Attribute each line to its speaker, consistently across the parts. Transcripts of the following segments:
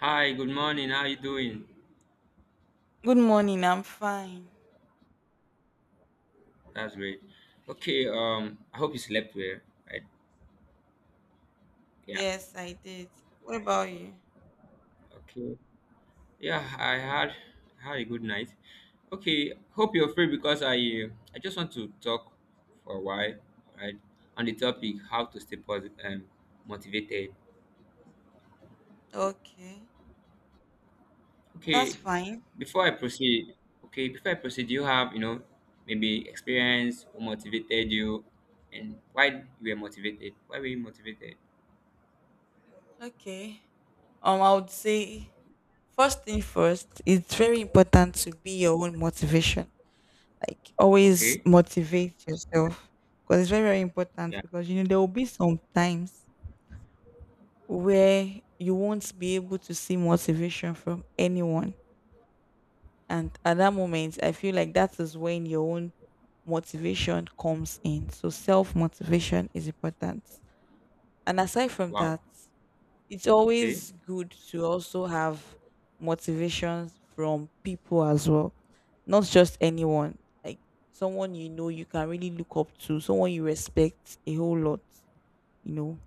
Speaker 1: Hi, good morning. How you doing?
Speaker 2: Good morning. I'm fine.
Speaker 1: That's great. Okay, I hope you slept well, right? Yeah.
Speaker 2: Yes, I did. What about you?
Speaker 1: Okay. Yeah, I had a good night. Okay, hope you're free because I just want to talk for a while, right? On the topic how to stay positive and motivated.
Speaker 2: Okay. That's
Speaker 1: Okay,
Speaker 2: fine.
Speaker 1: before I proceed, okay, before I proceed, do you have, maybe experience who motivated you and why you were motivated? Why were you motivated?
Speaker 2: Okay. I would say first thing first, it's very important to be your own motivation. Like always
Speaker 1: Okay.
Speaker 2: motivate yourself because it's very, very important
Speaker 1: Yeah.
Speaker 2: because there will be some times where you won't be able to see motivation from anyone. And at that moment, I feel like that is when your own motivation comes in. So self motivation is important. And aside from
Speaker 1: Wow.
Speaker 2: that, it's
Speaker 1: Okay.
Speaker 2: always good to also have motivations from people as well, not just anyone. Like someone you know you can really look up to, someone you respect a whole lot, you know.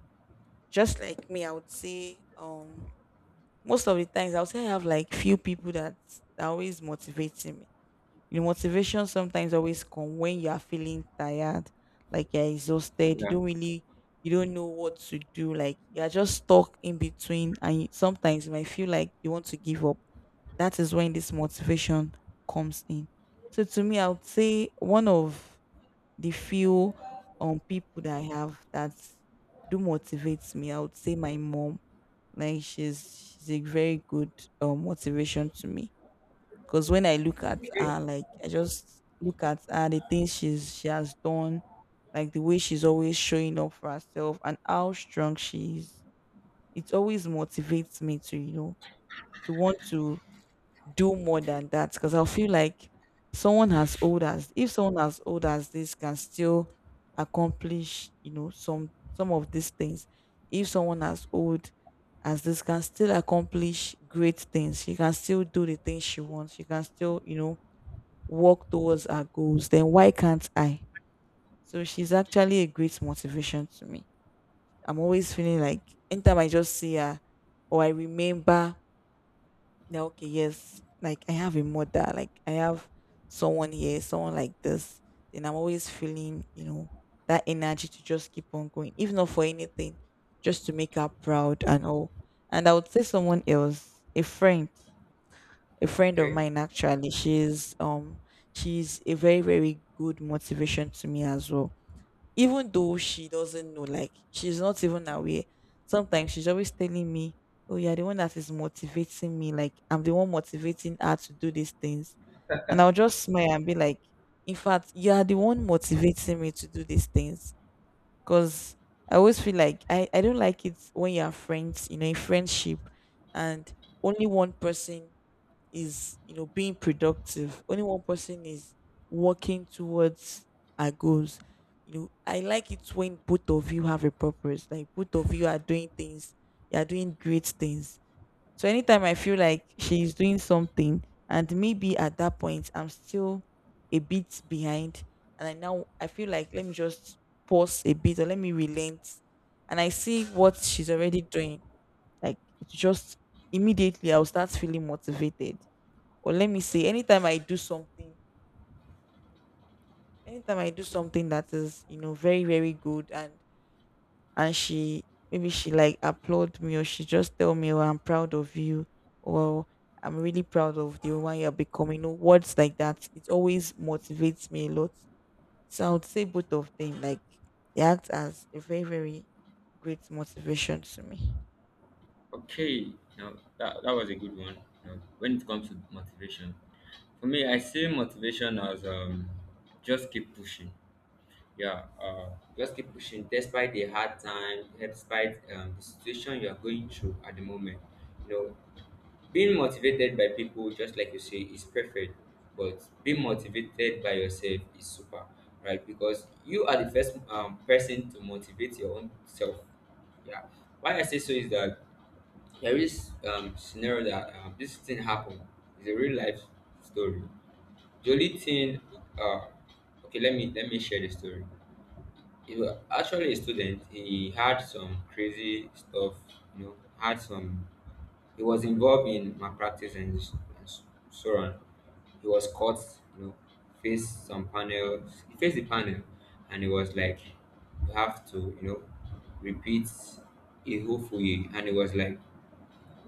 Speaker 2: Just like me, I would say most of the times I would say I have like few people that are always motivating me. Motivation sometimes always come when you are feeling tired, like you're exhausted.
Speaker 1: Yeah.
Speaker 2: You don't know what to do. Like you're just stuck in between, and sometimes you might feel like you want to give up. That is when this motivation comes in. So to me, I would say one of the few people that I have that do motivates me. I would say my mom. Like she's a very good motivation to me because when I look at
Speaker 1: Okay.
Speaker 2: her, like I just look at her, the things she has done, like the way she's always showing up for herself and how strong she is. It always motivates me to, you know, to want to do more than that. Because I feel like someone as old as if someone as old as this can still accomplish, you know, some of these things. If someone as old as this can still accomplish great things, she can still do the things she wants. She can still, you know, work towards our goals, then why can't I? So she's actually a great motivation to me. I'm always feeling like anytime I just see her or I remember that okay, yes, like I have a mother, like I have someone here, someone like this, then I'm always feeling, you know, that energy to just keep on going, if not for anything, just to make her proud and all. And I would say someone else, a friend of
Speaker 1: Okay.
Speaker 2: mine actually she's a very very good motivation to me as well, even though she doesn't know, like she's not even aware. Sometimes she's always telling me, oh, you're the one that is motivating me, like I'm the one motivating her to do these things, and I'll just smile and be like, in fact you are the one motivating me to do these things. Cause I always feel like I don't like it when you are friends, you know, in friendship, and only one person is, you know, being productive. Only one person is working towards our goals. You know, I like it when both of you have a purpose. Like both of you are doing things, you are doing great things, so anytime I feel like she's doing something and maybe at that point I'm still a bit behind, and I now I feel like let me just pause a bit or let me relent, and I see what she's already doing. Like it's just immediately I'll start feeling motivated. Or let me say anytime I do something, anytime I do something that is, you know, very, very good, and she maybe she like applaud me or she just tell me, "Oh, I'm proud of you," or "I'm really proud of the woman you're becoming." You know, words like that. It always motivates me a lot. So I would say both of them like they act as a very very great motivation to me.
Speaker 1: Okay. Now that was a good one. Now, when it comes to motivation, for me, I see motivation as just keep pushing. Yeah. Just keep pushing despite the hard time, despite the situation you are going through at the moment. You know, being motivated by people, just like you say, is preferred, but being motivated by yourself is super, right? Because you are the first person to motivate your own self. Yeah. Why I say so is that there is scenario that this thing happened. It's a real life story. The only thing, uh, okay, let me share the story. He was actually a student. He had some crazy stuff, you know, had some he was involved in malpractice and Soran. He was caught, you know, faced some panel, he faced the panel, and it was like, you have to, you know, repeat it hopefully. And it was like,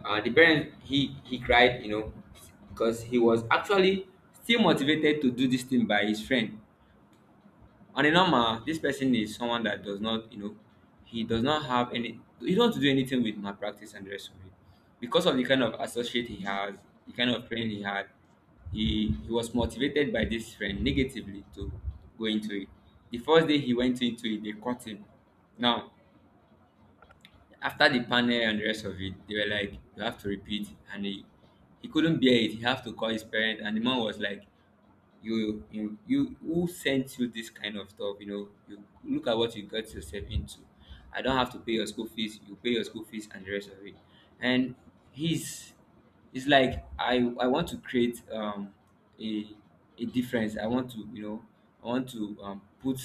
Speaker 1: the parents, he cried, you know, because he was actually still motivated to do this thing by his friend. On a normal, this person is someone that does not, you know, he does not have any, he don't want to do anything with malpractice and the rest of it. Because of the kind of associate he has, the kind of friend he had, he was motivated by this friend negatively to go into it. The first day he went into it, they caught him. Now, after the panel and the rest of it, they were like, you have to repeat. And he couldn't bear it. He had to call his parents. And the mom was like, you who sent you this kind of stuff, you know, you look at what you got yourself into. I don't have to pay your school fees. You pay your school fees and the rest of it. And he's it's like I want to create a a difference. I want to, you know, I want to put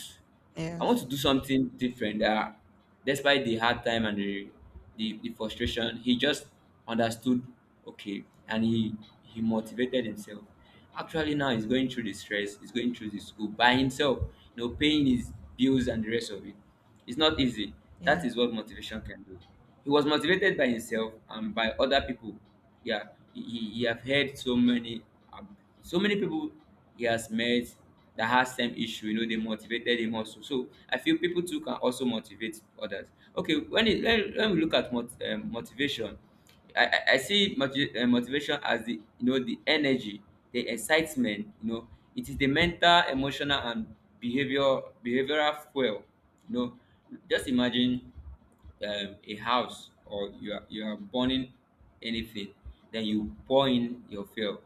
Speaker 1: I want
Speaker 2: Yes,
Speaker 1: to do something different that despite the hard time and the frustration he just understood okay and he motivated himself. Actually, now he's going through the stress, he's going through the school by himself, you know, paying his bills and the rest of it. It's not easy. That
Speaker 2: yes,
Speaker 1: is what motivation can do. He was motivated by himself and by other people. Yeah, he have heard so many, um, so many people he has met that has same issue. You know, they motivated him also. So I feel people too can also motivate others. Okay, when we look at motivation. I see motivation as the, you know, the energy, the excitement. You know, it is the mental, emotional, and behavioral fuel. You know, just imagine a house or you are burning anything, then you pour in your fuel.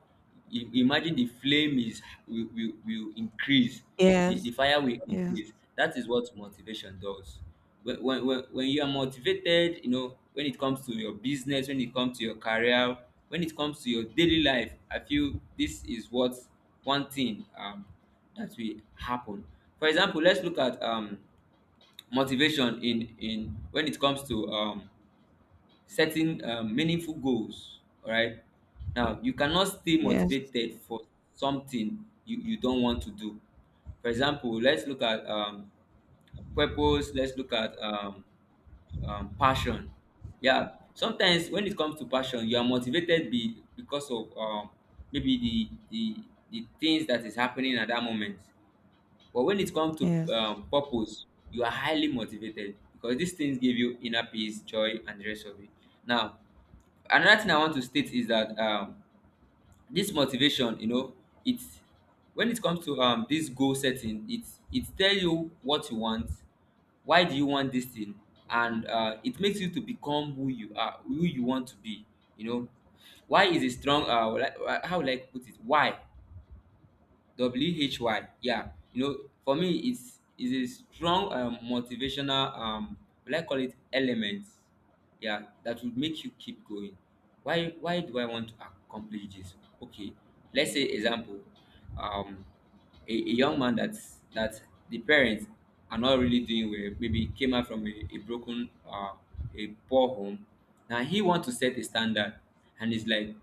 Speaker 1: Imagine the flame is will increase the
Speaker 2: yes,
Speaker 1: fire will
Speaker 2: yes,
Speaker 1: increase. That is what motivation does. When you are motivated, you know, when it comes to your business, when it comes to your career, when it comes to your daily life, I feel this is what one thing that will happen. For example, let's look at motivation in when it comes to setting meaningful goals, all right, now you cannot stay
Speaker 2: yes,
Speaker 1: motivated for something you, you don't want to do. For example, let's look at purpose, let's look at passion. Yeah, sometimes when it comes to passion, you are motivated because of maybe the things that is happening at that moment. But when it comes to
Speaker 2: yes,
Speaker 1: purpose, you are highly motivated because these things give you inner peace, joy and the rest of it. Now another thing I want to state is that this motivation, you know, it's when it comes to this goal setting, it tell you what you want, why do you want this thing, and it makes you to become who you are, who you want to be. You know, why is a strong how will I put it, why. why. Yeah, you know, for me, it's is a strong motivational, will I call it element? Yeah, that would make you keep going. Why? Why do I want to accomplish this? Okay, let's say example, um, a young man that's that the parents are not really doing well. Maybe came out from a broken, a poor home. Now he want to set a standard, and he's like,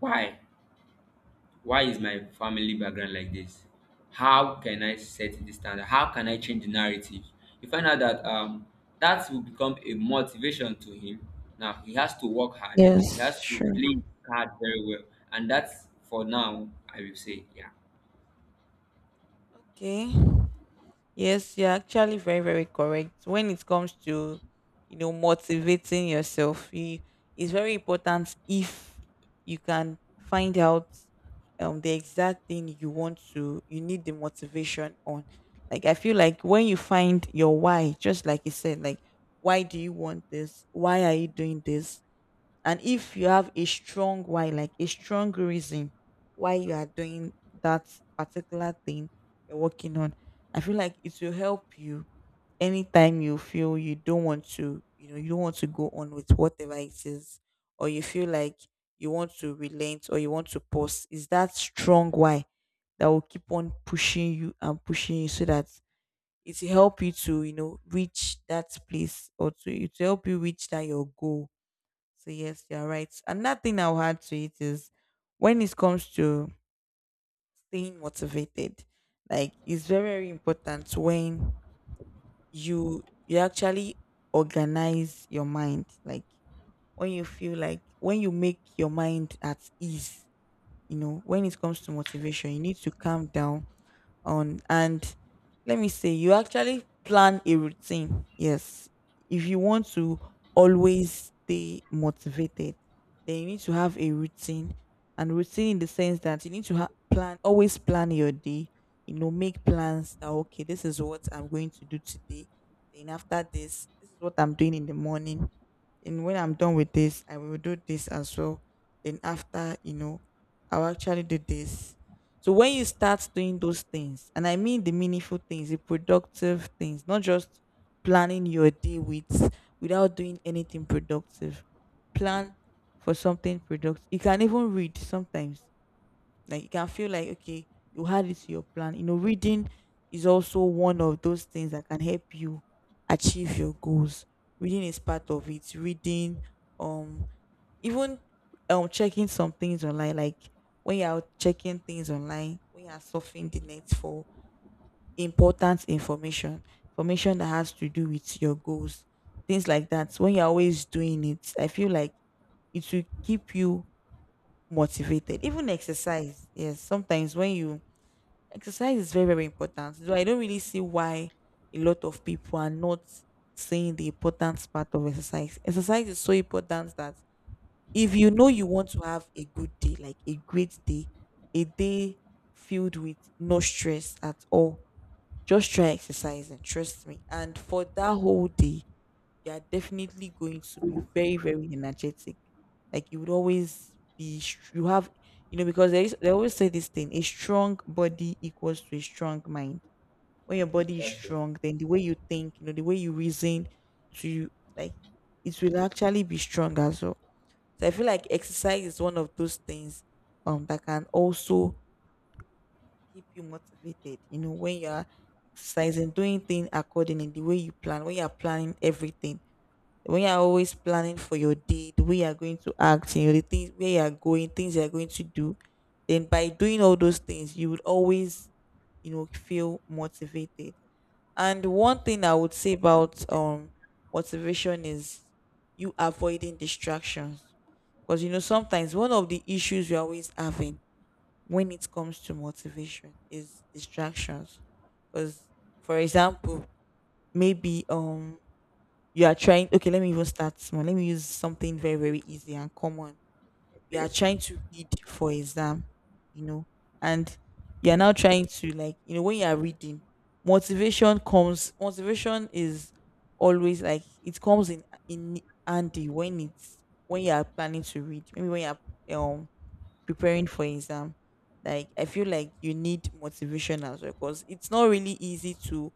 Speaker 1: why? Why is my family background like this? How can I set the standard? How can I change the narrative? You find out that that will become a motivation to him. Now he has to work hard. He has
Speaker 2: yes.
Speaker 1: to
Speaker 2: Sure.
Speaker 1: play his card very well. And that's for now, I will say. Yeah.
Speaker 2: Okay. Yes, you're actually very, very correct. When it comes to, motivating yourself, it's very important if you can find out the exact thing you need the motivation on. Like I feel like when you find your why, just like you said, like why do you want this? Why are you doing this? And if you have a strong why, like a strong reason why you are doing that particular thing you're working on, I feel like it will help you anytime you feel you don't want to, you know, you don't want to go on with whatever it is, or you feel like you want to relent or you want to pause. Is that strong why that will keep on pushing you and pushing you so that it will help you to, you know, reach that place, or to it will help you reach that your goal. So yes, you're right. Another thing I'll add to it is, when it comes to staying motivated, like it's very, very important when you actually organize your mind. Like when you feel like, when you make your mind at ease, you know, when it comes to motivation, you need to calm down on. And let me say, you actually plan a routine. Yes. If you want to always stay motivated, then you need to have a routine. And routine in the sense that you need to plan, always plan your day. You know, make plans that, okay, this is what I'm going to do today. Then after this, this is what I'm doing in the morning. And when I'm done with this, I will do this as well. Then after, you know, I'll actually do this. So when you start doing those things, and I mean the meaningful things, the productive things, not just planning your day without doing anything productive. Plan for something productive. You can even read sometimes. Like you can feel like, okay, you had it to your plan. You know, reading is also one of those things that can help you achieve your goals. Reading is part of it. Reading, um, even checking some things online, like when you're checking things online, when you're surfing the net for important information, information that has to do with your goals, things like that. When you're always doing it, I feel like it will keep you motivated. Even exercise, yes, sometimes when you exercise, is very, very important. So I don't really see why a lot of people are not seeing the importance part of exercise. Exercise is so important that if you know you want to have a good day, like a great day, a day filled with no stress at all, just try exercising, trust me. And for that whole day, you are definitely going to be very, very energetic. Like you would always be, you have, you know, because they always say this thing, a strong body equals to a strong mind. When your body is
Speaker 1: That's true.
Speaker 2: strong, then the way you think, the way you reason to, like, it will actually be strong as well. So I feel like exercise is one of those things that can also keep you motivated. You know, when you're exercising, doing things accordingly, the way you plan, when you're planning everything, when you're always planning for your day, the way you're going to act, you know, the things where you're going, things you're going to do, then by doing all those things, you would always, you know, feel motivated. And one thing I would say about motivation is you avoiding distractions. Because you know, sometimes one of the issues we're always having when it comes to motivation is distractions. Because for example, maybe you are trying, okay, let me even start small. Let me use something very, very easy and common. You are
Speaker 1: Okay.
Speaker 2: trying to read for exam, you know, and you are now trying to like, when you are reading, motivation comes. Motivation is always like, it comes in handy when you are planning to read, maybe when you are preparing for exam. Like I feel like you need motivation as well because it's not really easy to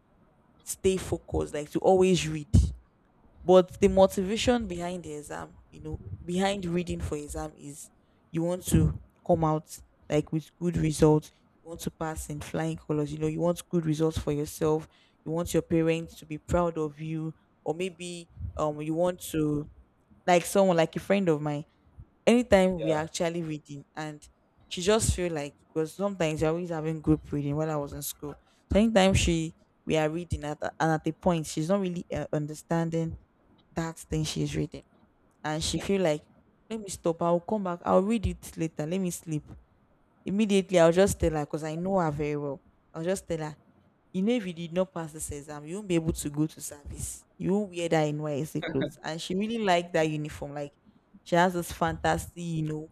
Speaker 2: stay focused, like to always read. But the motivation behind the exam, you know, behind reading for exam is, you want to come out like with good results. You want to pass in flying colors. You know, you want good results for yourself. You want your parents to be proud of you, or maybe you want to, like someone like a friend of mine. Anytime we are actually reading, and she just feel like, because sometimes we are always having group reading while I was in school. So anytime she we are reading and at the point she's not really understanding that thing she's reading, and she feel like, let me stop, I'll come back, I'll read it later, let me sleep. Immediately I'll just tell her, because I know her very well, I'll just tell her, you know, if you did not pass this exam, you won't be able to go to service, you won't wear that NYC clothes. And she really liked that uniform, like she has this fantasy, you know,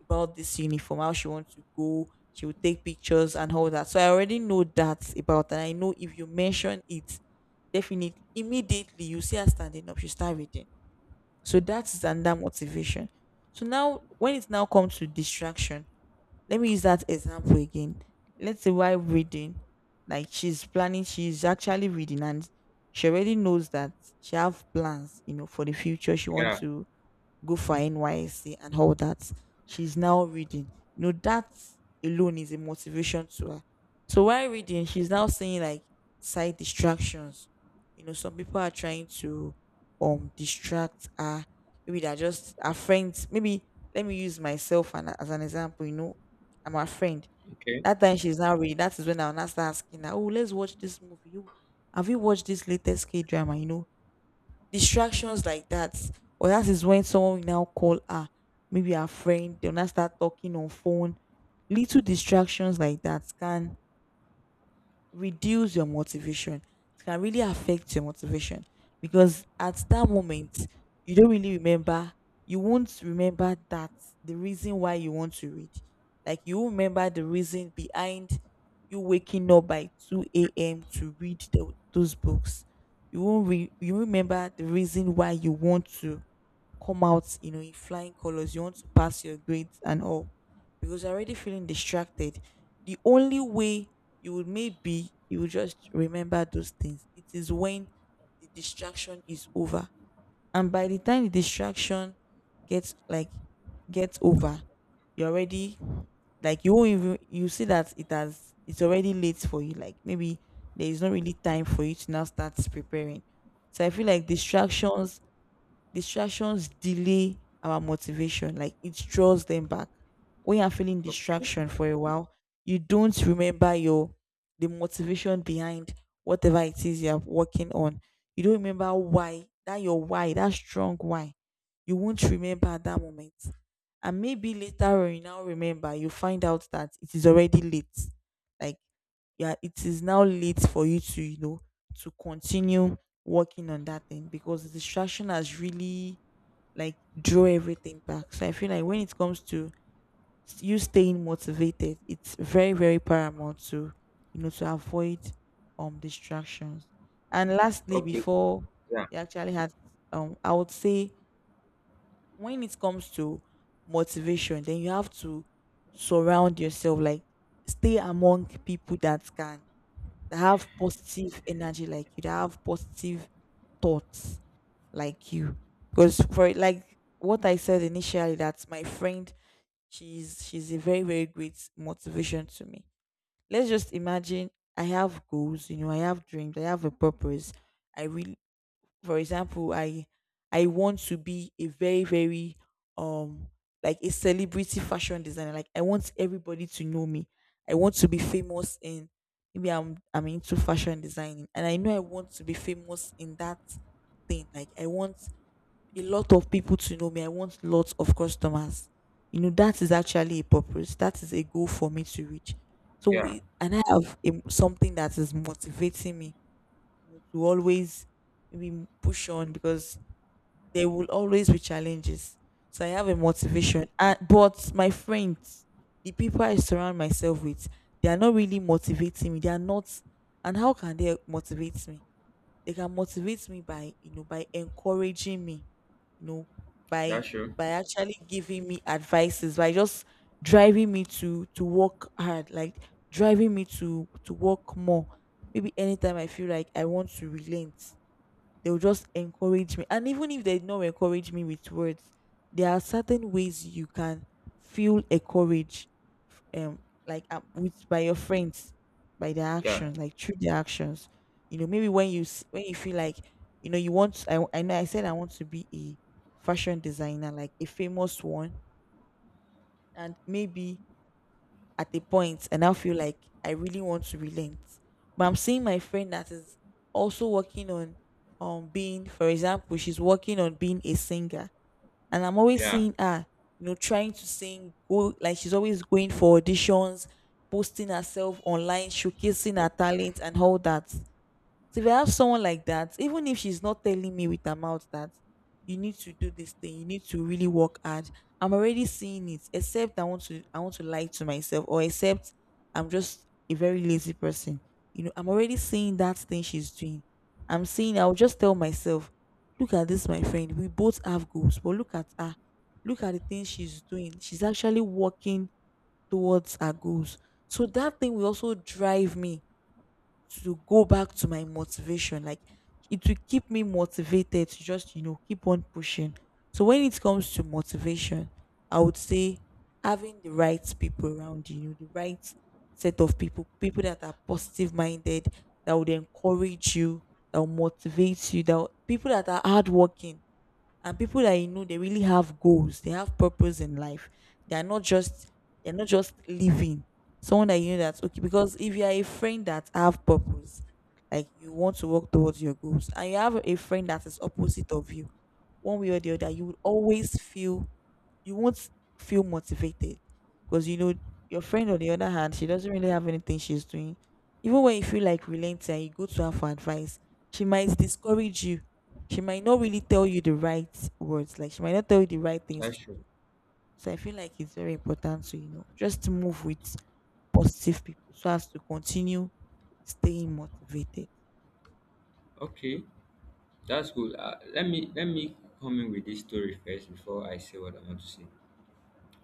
Speaker 2: about this uniform, how she wants to go, she will take pictures and all that. So I already know that about her, and I know if you mention it, definitely immediately you see her standing up, she start reading. So that's another motivation. So now, when it now comes to distraction, let me use that example again. Let's say while reading, like she's planning, she's actually reading, and she already knows that she have plans, you know, for the future. She
Speaker 1: Yeah.
Speaker 2: wants to go for her NYSC and all that. She's now reading. You know, that alone is a motivation to her. So while reading, she's now saying like side distractions. You know, some people are trying to distract her. Maybe they're just her friends. Maybe let me use myself as an example. You know, I'm her friend.
Speaker 1: Okay.
Speaker 2: That time she's now reading. That is when I'll now start asking her, "Oh, let's watch this movie. You Have you watched this latest K drama?" You know, distractions like that. Or that is when someone will now call her, maybe her friend, they'll now start talking on phone. Little distractions like that can reduce your motivation. It can really affect your motivation, because at that moment you don't really remember. You won't remember that the reason why you want to read. Like you won't remember the reason behind you waking up by two a.m. to read those books. You won't remember the reason why you want to come out, you know, in flying colors. You want to pass your grades and all, because you're already feeling distracted. The only way you would, maybe you will just remember those things, it is when the distraction is over, and by the time the distraction gets like gets over, you're already like, you won't even you see that it's already late for you. Like maybe there is not really time for you to now start preparing. So I feel like distractions delay our motivation, like it draws them back. When you're feeling
Speaker 1: Okay.
Speaker 2: distraction for a while, you don't remember your, the motivation behind whatever it is you're working on. You don't remember why, that your why, that strong why. You won't remember at that moment. And maybe later on you now remember, you find out that it is already late. Like yeah, it is now late for you to, you know, to continue working on that thing, because the distraction has really like draw everything back. So I feel like when it comes to you staying motivated, it's very very paramount to, you know, to avoid distractions. And lastly,
Speaker 1: Okay.
Speaker 2: before
Speaker 1: Yeah.
Speaker 2: you actually had, I would say when it comes to motivation, then you have to surround yourself, like stay among people that can, that have positive energy like you, that have positive thoughts like you. Because for like what I said initially, that my friend, she's a very very great motivation to me. Let's just imagine I have goals, you know, I have dreams, I have a purpose. I really, for example, I want to be a very very um like a celebrity fashion designer, like I want everybody to know me, I want to be famous in, maybe I'm into fashion designing, and I know I want to be famous in that thing, like I want a lot of people to know me, I want lots of customers. You know, that is actually a purpose, that is a goal for me to reach. So
Speaker 1: Yeah.
Speaker 2: and I have a, something that is motivating me to always maybe push on, because there will always be challenges. So I have a motivation. But my friends, the people I surround myself with, they are not really motivating me. They are not. And how can they motivate me? They can motivate me by, you know, by encouraging me, you know, by
Speaker 1: That's true.
Speaker 2: by actually giving me advices, by just driving me to work hard, like driving me to work more, maybe anytime I feel like I want to relent, they'll just encourage me. And even if they don't encourage me with words, there are certain ways you can feel encouraged, um like with by your friends, by their
Speaker 1: Yeah.
Speaker 2: actions, like through their actions. You know, maybe when when you feel like, you know, you want, I know I said I want to be a fashion designer, like a famous one. And maybe at a point, and I now feel like I really want to relent, but I'm seeing my friend that is also working on, being, for example, she's working on being a singer. And I'm always
Speaker 1: Yeah.
Speaker 2: seeing her, you know, trying to sing, go, like she's always going for auditions, posting herself online, showcasing her talent and all that. So if I have someone like that, even if she's not telling me with her mouth that you need to do this thing, you need to really work hard, I'm already seeing it. Except I want to lie to myself, or except I'm just a very lazy person. You know, I'm already seeing that thing she's doing. I'll just tell myself, look at this, my friend. We both have goals, but look at her. Look at the things she's doing. She's actually working towards her goals. So that thing will also drive me to go back to my motivation. Like it will keep me motivated to just, you know, keep on pushing. So when it comes to motivation, I would say having the right people around you, you know, the right set of people, people that are positive minded, that would encourage you, that will motivate you, people that are hardworking, and people that, you know, they really have goals, they have purpose in life, they're not just, living. Someone that, you know, that's okay, because if you are a friend that have purpose, like you want to work towards your goals, and you have a friend that is opposite of you, one way or the other you will always feel, you won't feel motivated, because you know your friend on the other hand, she doesn't really have anything she's doing. Even when you feel like relenting and you go to her for advice, she might discourage you, she might not really tell you the right words, like she might not tell you the right things
Speaker 1: That's
Speaker 2: to
Speaker 1: true.
Speaker 2: do. So I feel like it's very important to, you know, just to move with positive people, so as to continue staying motivated.
Speaker 1: Okay. That's good. Let me come in with this story first before I say what I want to say.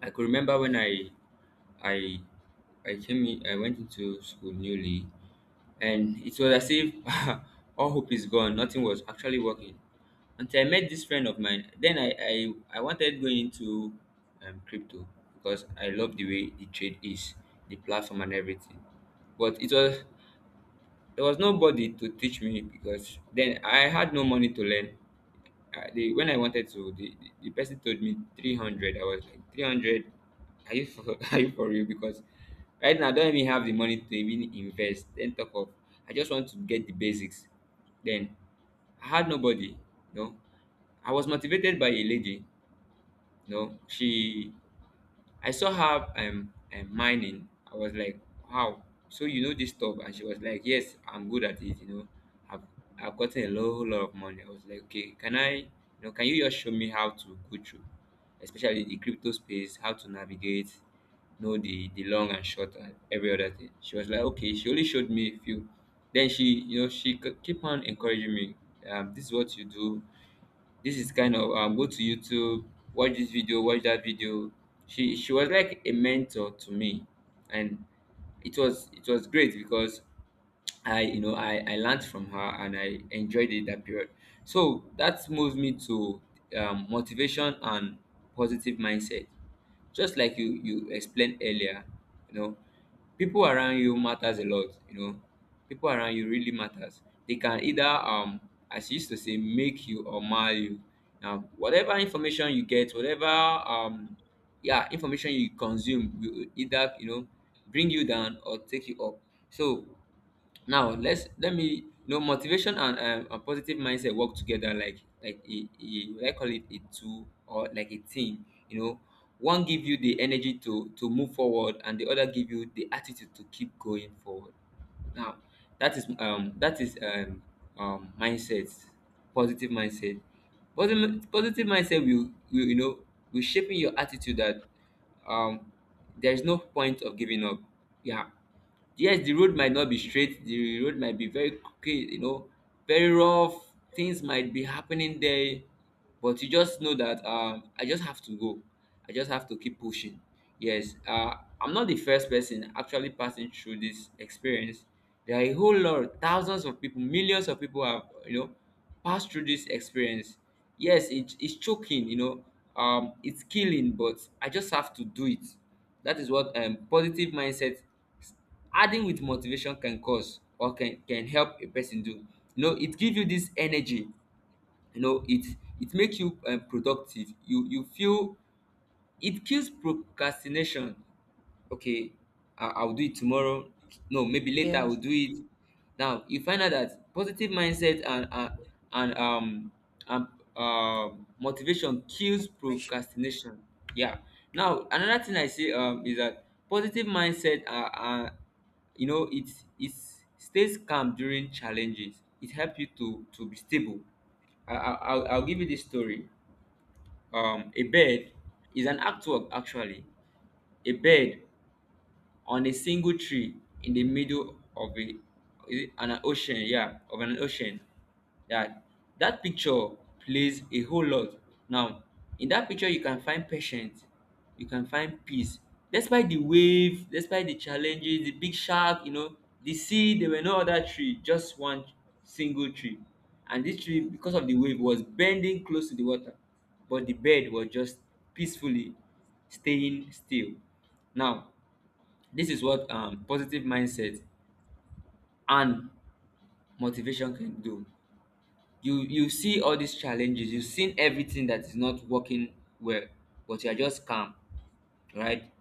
Speaker 1: I could remember when I I came in, I went into school newly, and it was as if all hope is gone. Nothing was actually working until I met this friend of mine. Then I wanted going into crypto because I love the way the trade is, the platform and everything. But it was there was nobody to teach me because then I had no money to learn the when I wanted to, the person told me 300. I was like, 300? Are you for, are you for real? Because right now, I don't even have the money to even invest. Then talk of, I just want to get the basics. Then I had nobody. No. I was motivated by a lady. No, she I saw her mining. I was like, wow. So you know this stuff? And she was like, yes, I'm good at it. You know, I've I've gotten a whole lot of money. I was like, okay, can I? You know, can you just show me how to go through, especially the crypto space, how to navigate, know the long and short and every other thing. She was like, okay. She only showed me a few. Then she, you know, keep on encouraging me. This is what you do, this is kind of go to YouTube, watch this video, watch that video. She was like a mentor to me, and it was great because I, you know, I learned from her and I enjoyed it that period. So that moves me to motivation and positive mindset. Just like you explained earlier, you know, people around you matters a lot, you know, people around you really matters. They can either as you used to say make you or mar you. Now whatever information you get, whatever yeah information you consume will either, you know, bring you down or take you up. So now let's let me, you know, motivation and positive mindset work together like a I call it a two or like a team, you know. One give you the energy to move forward and the other give you the attitude to keep going forward. Now that is mindset, positive mindset, positive mindset will, you know, will shaping your attitude that um there is no point of giving up. Yeah. Yes, the road might not be straight, the road might be very crooked, you know, very rough, things might be happening there, but you just know that I just have to go. I just have to keep pushing. Yes, I'm not the first person actually passing through this experience. There are a whole lot, thousands of people, millions of people have, you know, passed through this experience. Yes, it's choking, you know, it's killing, but I just have to do it. That is what positive mindset adding with motivation can cause or can help a person do. You know, it gives you this energy. You know, it it makes you productive. You feel it kills procrastination. Okay, I'll do it tomorrow. No, maybe later I'll
Speaker 2: Yes.
Speaker 1: do it. Now you find out that positive mindset and um and motivation kills
Speaker 2: Motivation.
Speaker 1: procrastination. Yeah. Now another thing I see is that positive mindset are, you know, it stays calm during challenges. It helps you to be stable. I'll give you this story. A bird is an artwork actually. A bird on a single tree in the middle of a, is it an ocean? Yeah, of an ocean, yeah, that picture plays a whole lot. Now in that picture you can find patience, you can find peace despite the wave, despite the challenges, the big shark, you know, the sea, there were no other tree, just one single tree. And this tree,
Speaker 2: Yes.
Speaker 1: because of the wave, was bending close to the water, but the bird was just peacefully staying still. Now this is what positive mindset and motivation can do. You see all these challenges, you've seen everything that is not working well, but you are just calm, right?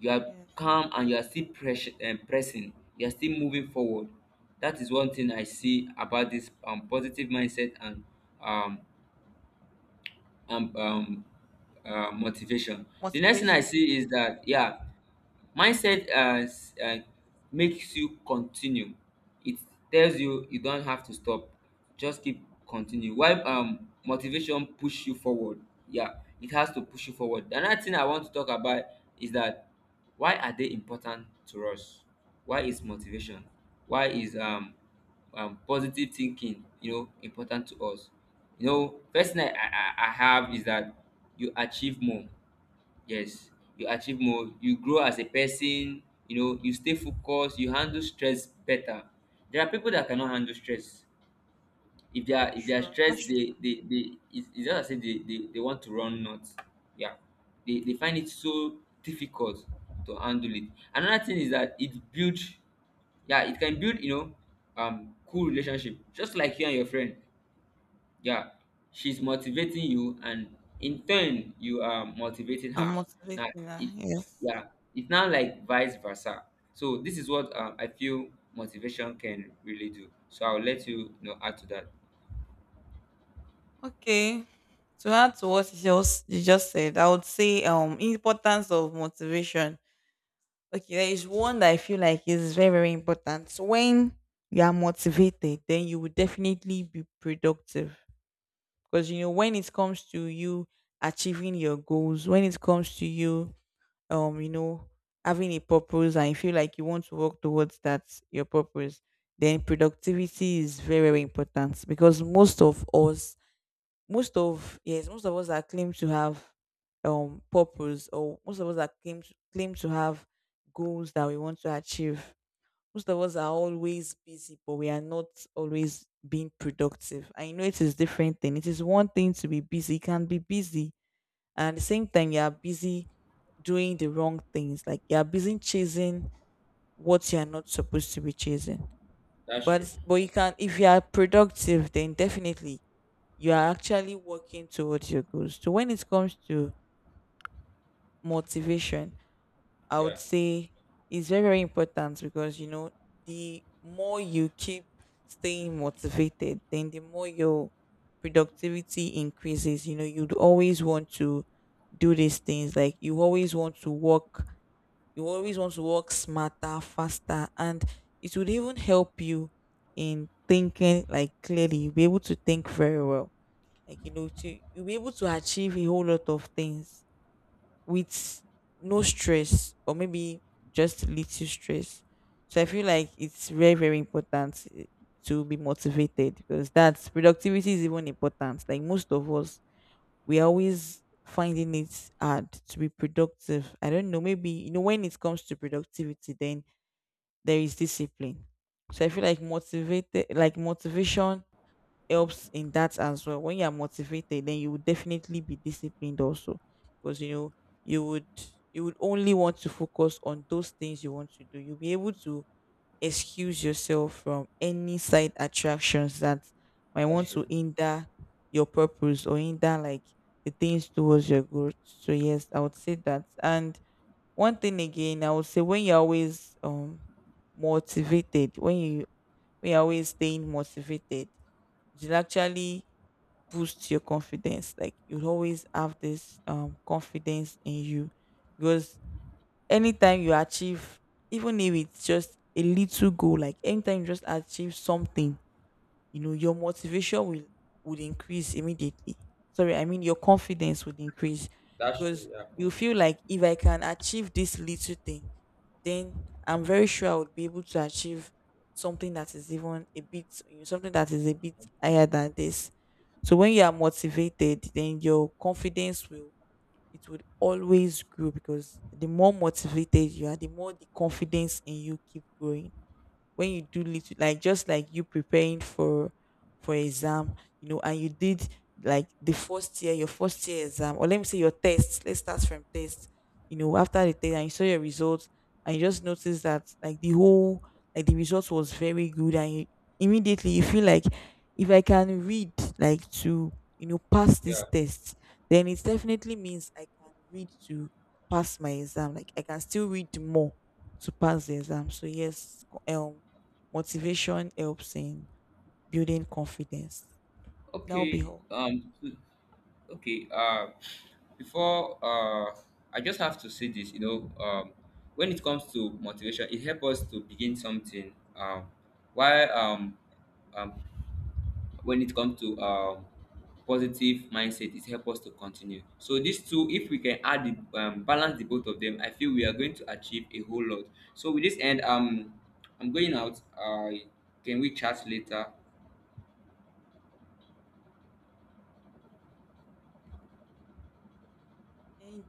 Speaker 1: You are
Speaker 2: Yes,
Speaker 1: calm and you are still pressing. You are still moving forward. That is one thing I see about this positive mindset and um, um, um, motivation. The next thing I
Speaker 2: motivation.
Speaker 1: see is that, yeah, mindset makes you continue. It tells you you don't have to stop, just keep continue, while motivation push you forward. Yeah, it has to push you forward. Another thing I want to talk about is that why are they important to us? Why is motivation, why is positive thinking, you know, important to us? You know, first thing I have is that you achieve more. Yes, you achieve more, you grow as a person, you know, you stay focused, you handle stress better. There are people that cannot handle stress. If they are
Speaker 2: Sure,
Speaker 1: stressed,
Speaker 2: that's
Speaker 1: they it's just as if they want to run nuts. Yeah. They find it so difficult to handle it. Another thing is that it builds, yeah, it can build, you know, cool relationship. Just like you and your friend, yeah, she's motivating you and in turn you are motivating
Speaker 2: true. I'm
Speaker 1: her. Now
Speaker 2: motivating her.
Speaker 1: it,
Speaker 2: Yes.
Speaker 1: yeah, it's now like vice versa. So this is what I feel motivation can really do, so I'll let you, you know, add to that.
Speaker 2: Okay. To add to what you just said, I would say, importance of motivation. Okay, there is one that I feel like is very, very important. So when you are motivated, then you will definitely be productive. Because you know, when it comes to you achieving your goals, when it comes to you, you know, having a purpose, and you feel like you want to work towards that your purpose, then productivity is very, very important. Because most of, yes, most of us that claim to have purpose, or most of us that claim to have goals that we want to achieve, most of us are always busy, but we are not always being productive. I know it is different thing. It is one thing to be busy, you can be busy, and at the same time you are busy doing the wrong things, like you are busy chasing what you are not supposed to be chasing.
Speaker 1: That's true.
Speaker 2: But you can, if you are productive, then definitely you are actually working towards your goals. So when it comes to motivation, I would say it's very, very important, because you know the more you keep staying motivated, then the more your productivity increases. You know, you'd always want to do these things. Like you always want to work, you always want to work smarter, faster, and it would even help you in thinking like clearly. You'll be able to think very well, like, you know, to, you'll be able to achieve a whole lot of things with no stress, or maybe just little stress. So I feel like it's very very important, to be motivated, because that's productivity is even important. Like most of us, we are always finding it hard to be productive. I don't know, maybe, you know, when it comes to productivity, then there is discipline. So I feel like motivated like motivation helps in that as well. When you are motivated, then you will definitely be disciplined also, because you know you would you would only want to focus on those things you want to do. You'll be able to excuse yourself from any side attractions that might
Speaker 1: That's
Speaker 2: want
Speaker 1: true.
Speaker 2: to hinder your purpose, or hinder like the things towards your growth. So yes, I would say that. And one thing again, I would say when you're always motivated, when you, when you're always staying motivated, it will actually boost your confidence. Like you'll always have this confidence in you, because anytime you achieve, even if it's just a little goal, like anytime you just achieve something, you know your motivation will, would increase immediately. Sorry, I mean your confidence would increase.
Speaker 1: That's true,
Speaker 2: Because
Speaker 1: yeah.
Speaker 2: you
Speaker 1: Okay.
Speaker 2: feel like if I can achieve this little thing, then I'm very sure I would be able to achieve something that is even a bit, you know, something that is a bit higher than this. So when you are motivated, then your confidence will, it would always grow, because the more motivated you are, the more the confidence in you keep growing. When you do little, like just like you preparing for, exam, you know, and you did, like the first year, your first year exam, or let me say your test, let's start from test. You know, after the test, and you saw your results, and you just noticed that, like the whole, like the result was very good, and you, immediately you feel like, if I can read like to, you know, pass this
Speaker 1: Yeah,
Speaker 2: test, then it definitely means I can read to pass my exam, like I can still read more to pass the exam. So yes, motivation helps in building confidence. That'll be
Speaker 1: okay.
Speaker 2: all.
Speaker 1: So, okay. Before I just have to say this. You know, when it comes to motivation, it helps us to begin something. While um, when it comes to positive mindset, it helps us to continue. So these two, if we can add the balance the both of them, I feel we are going to achieve a whole lot. So with this end, I'm going out. Can we chat later?
Speaker 2: Thank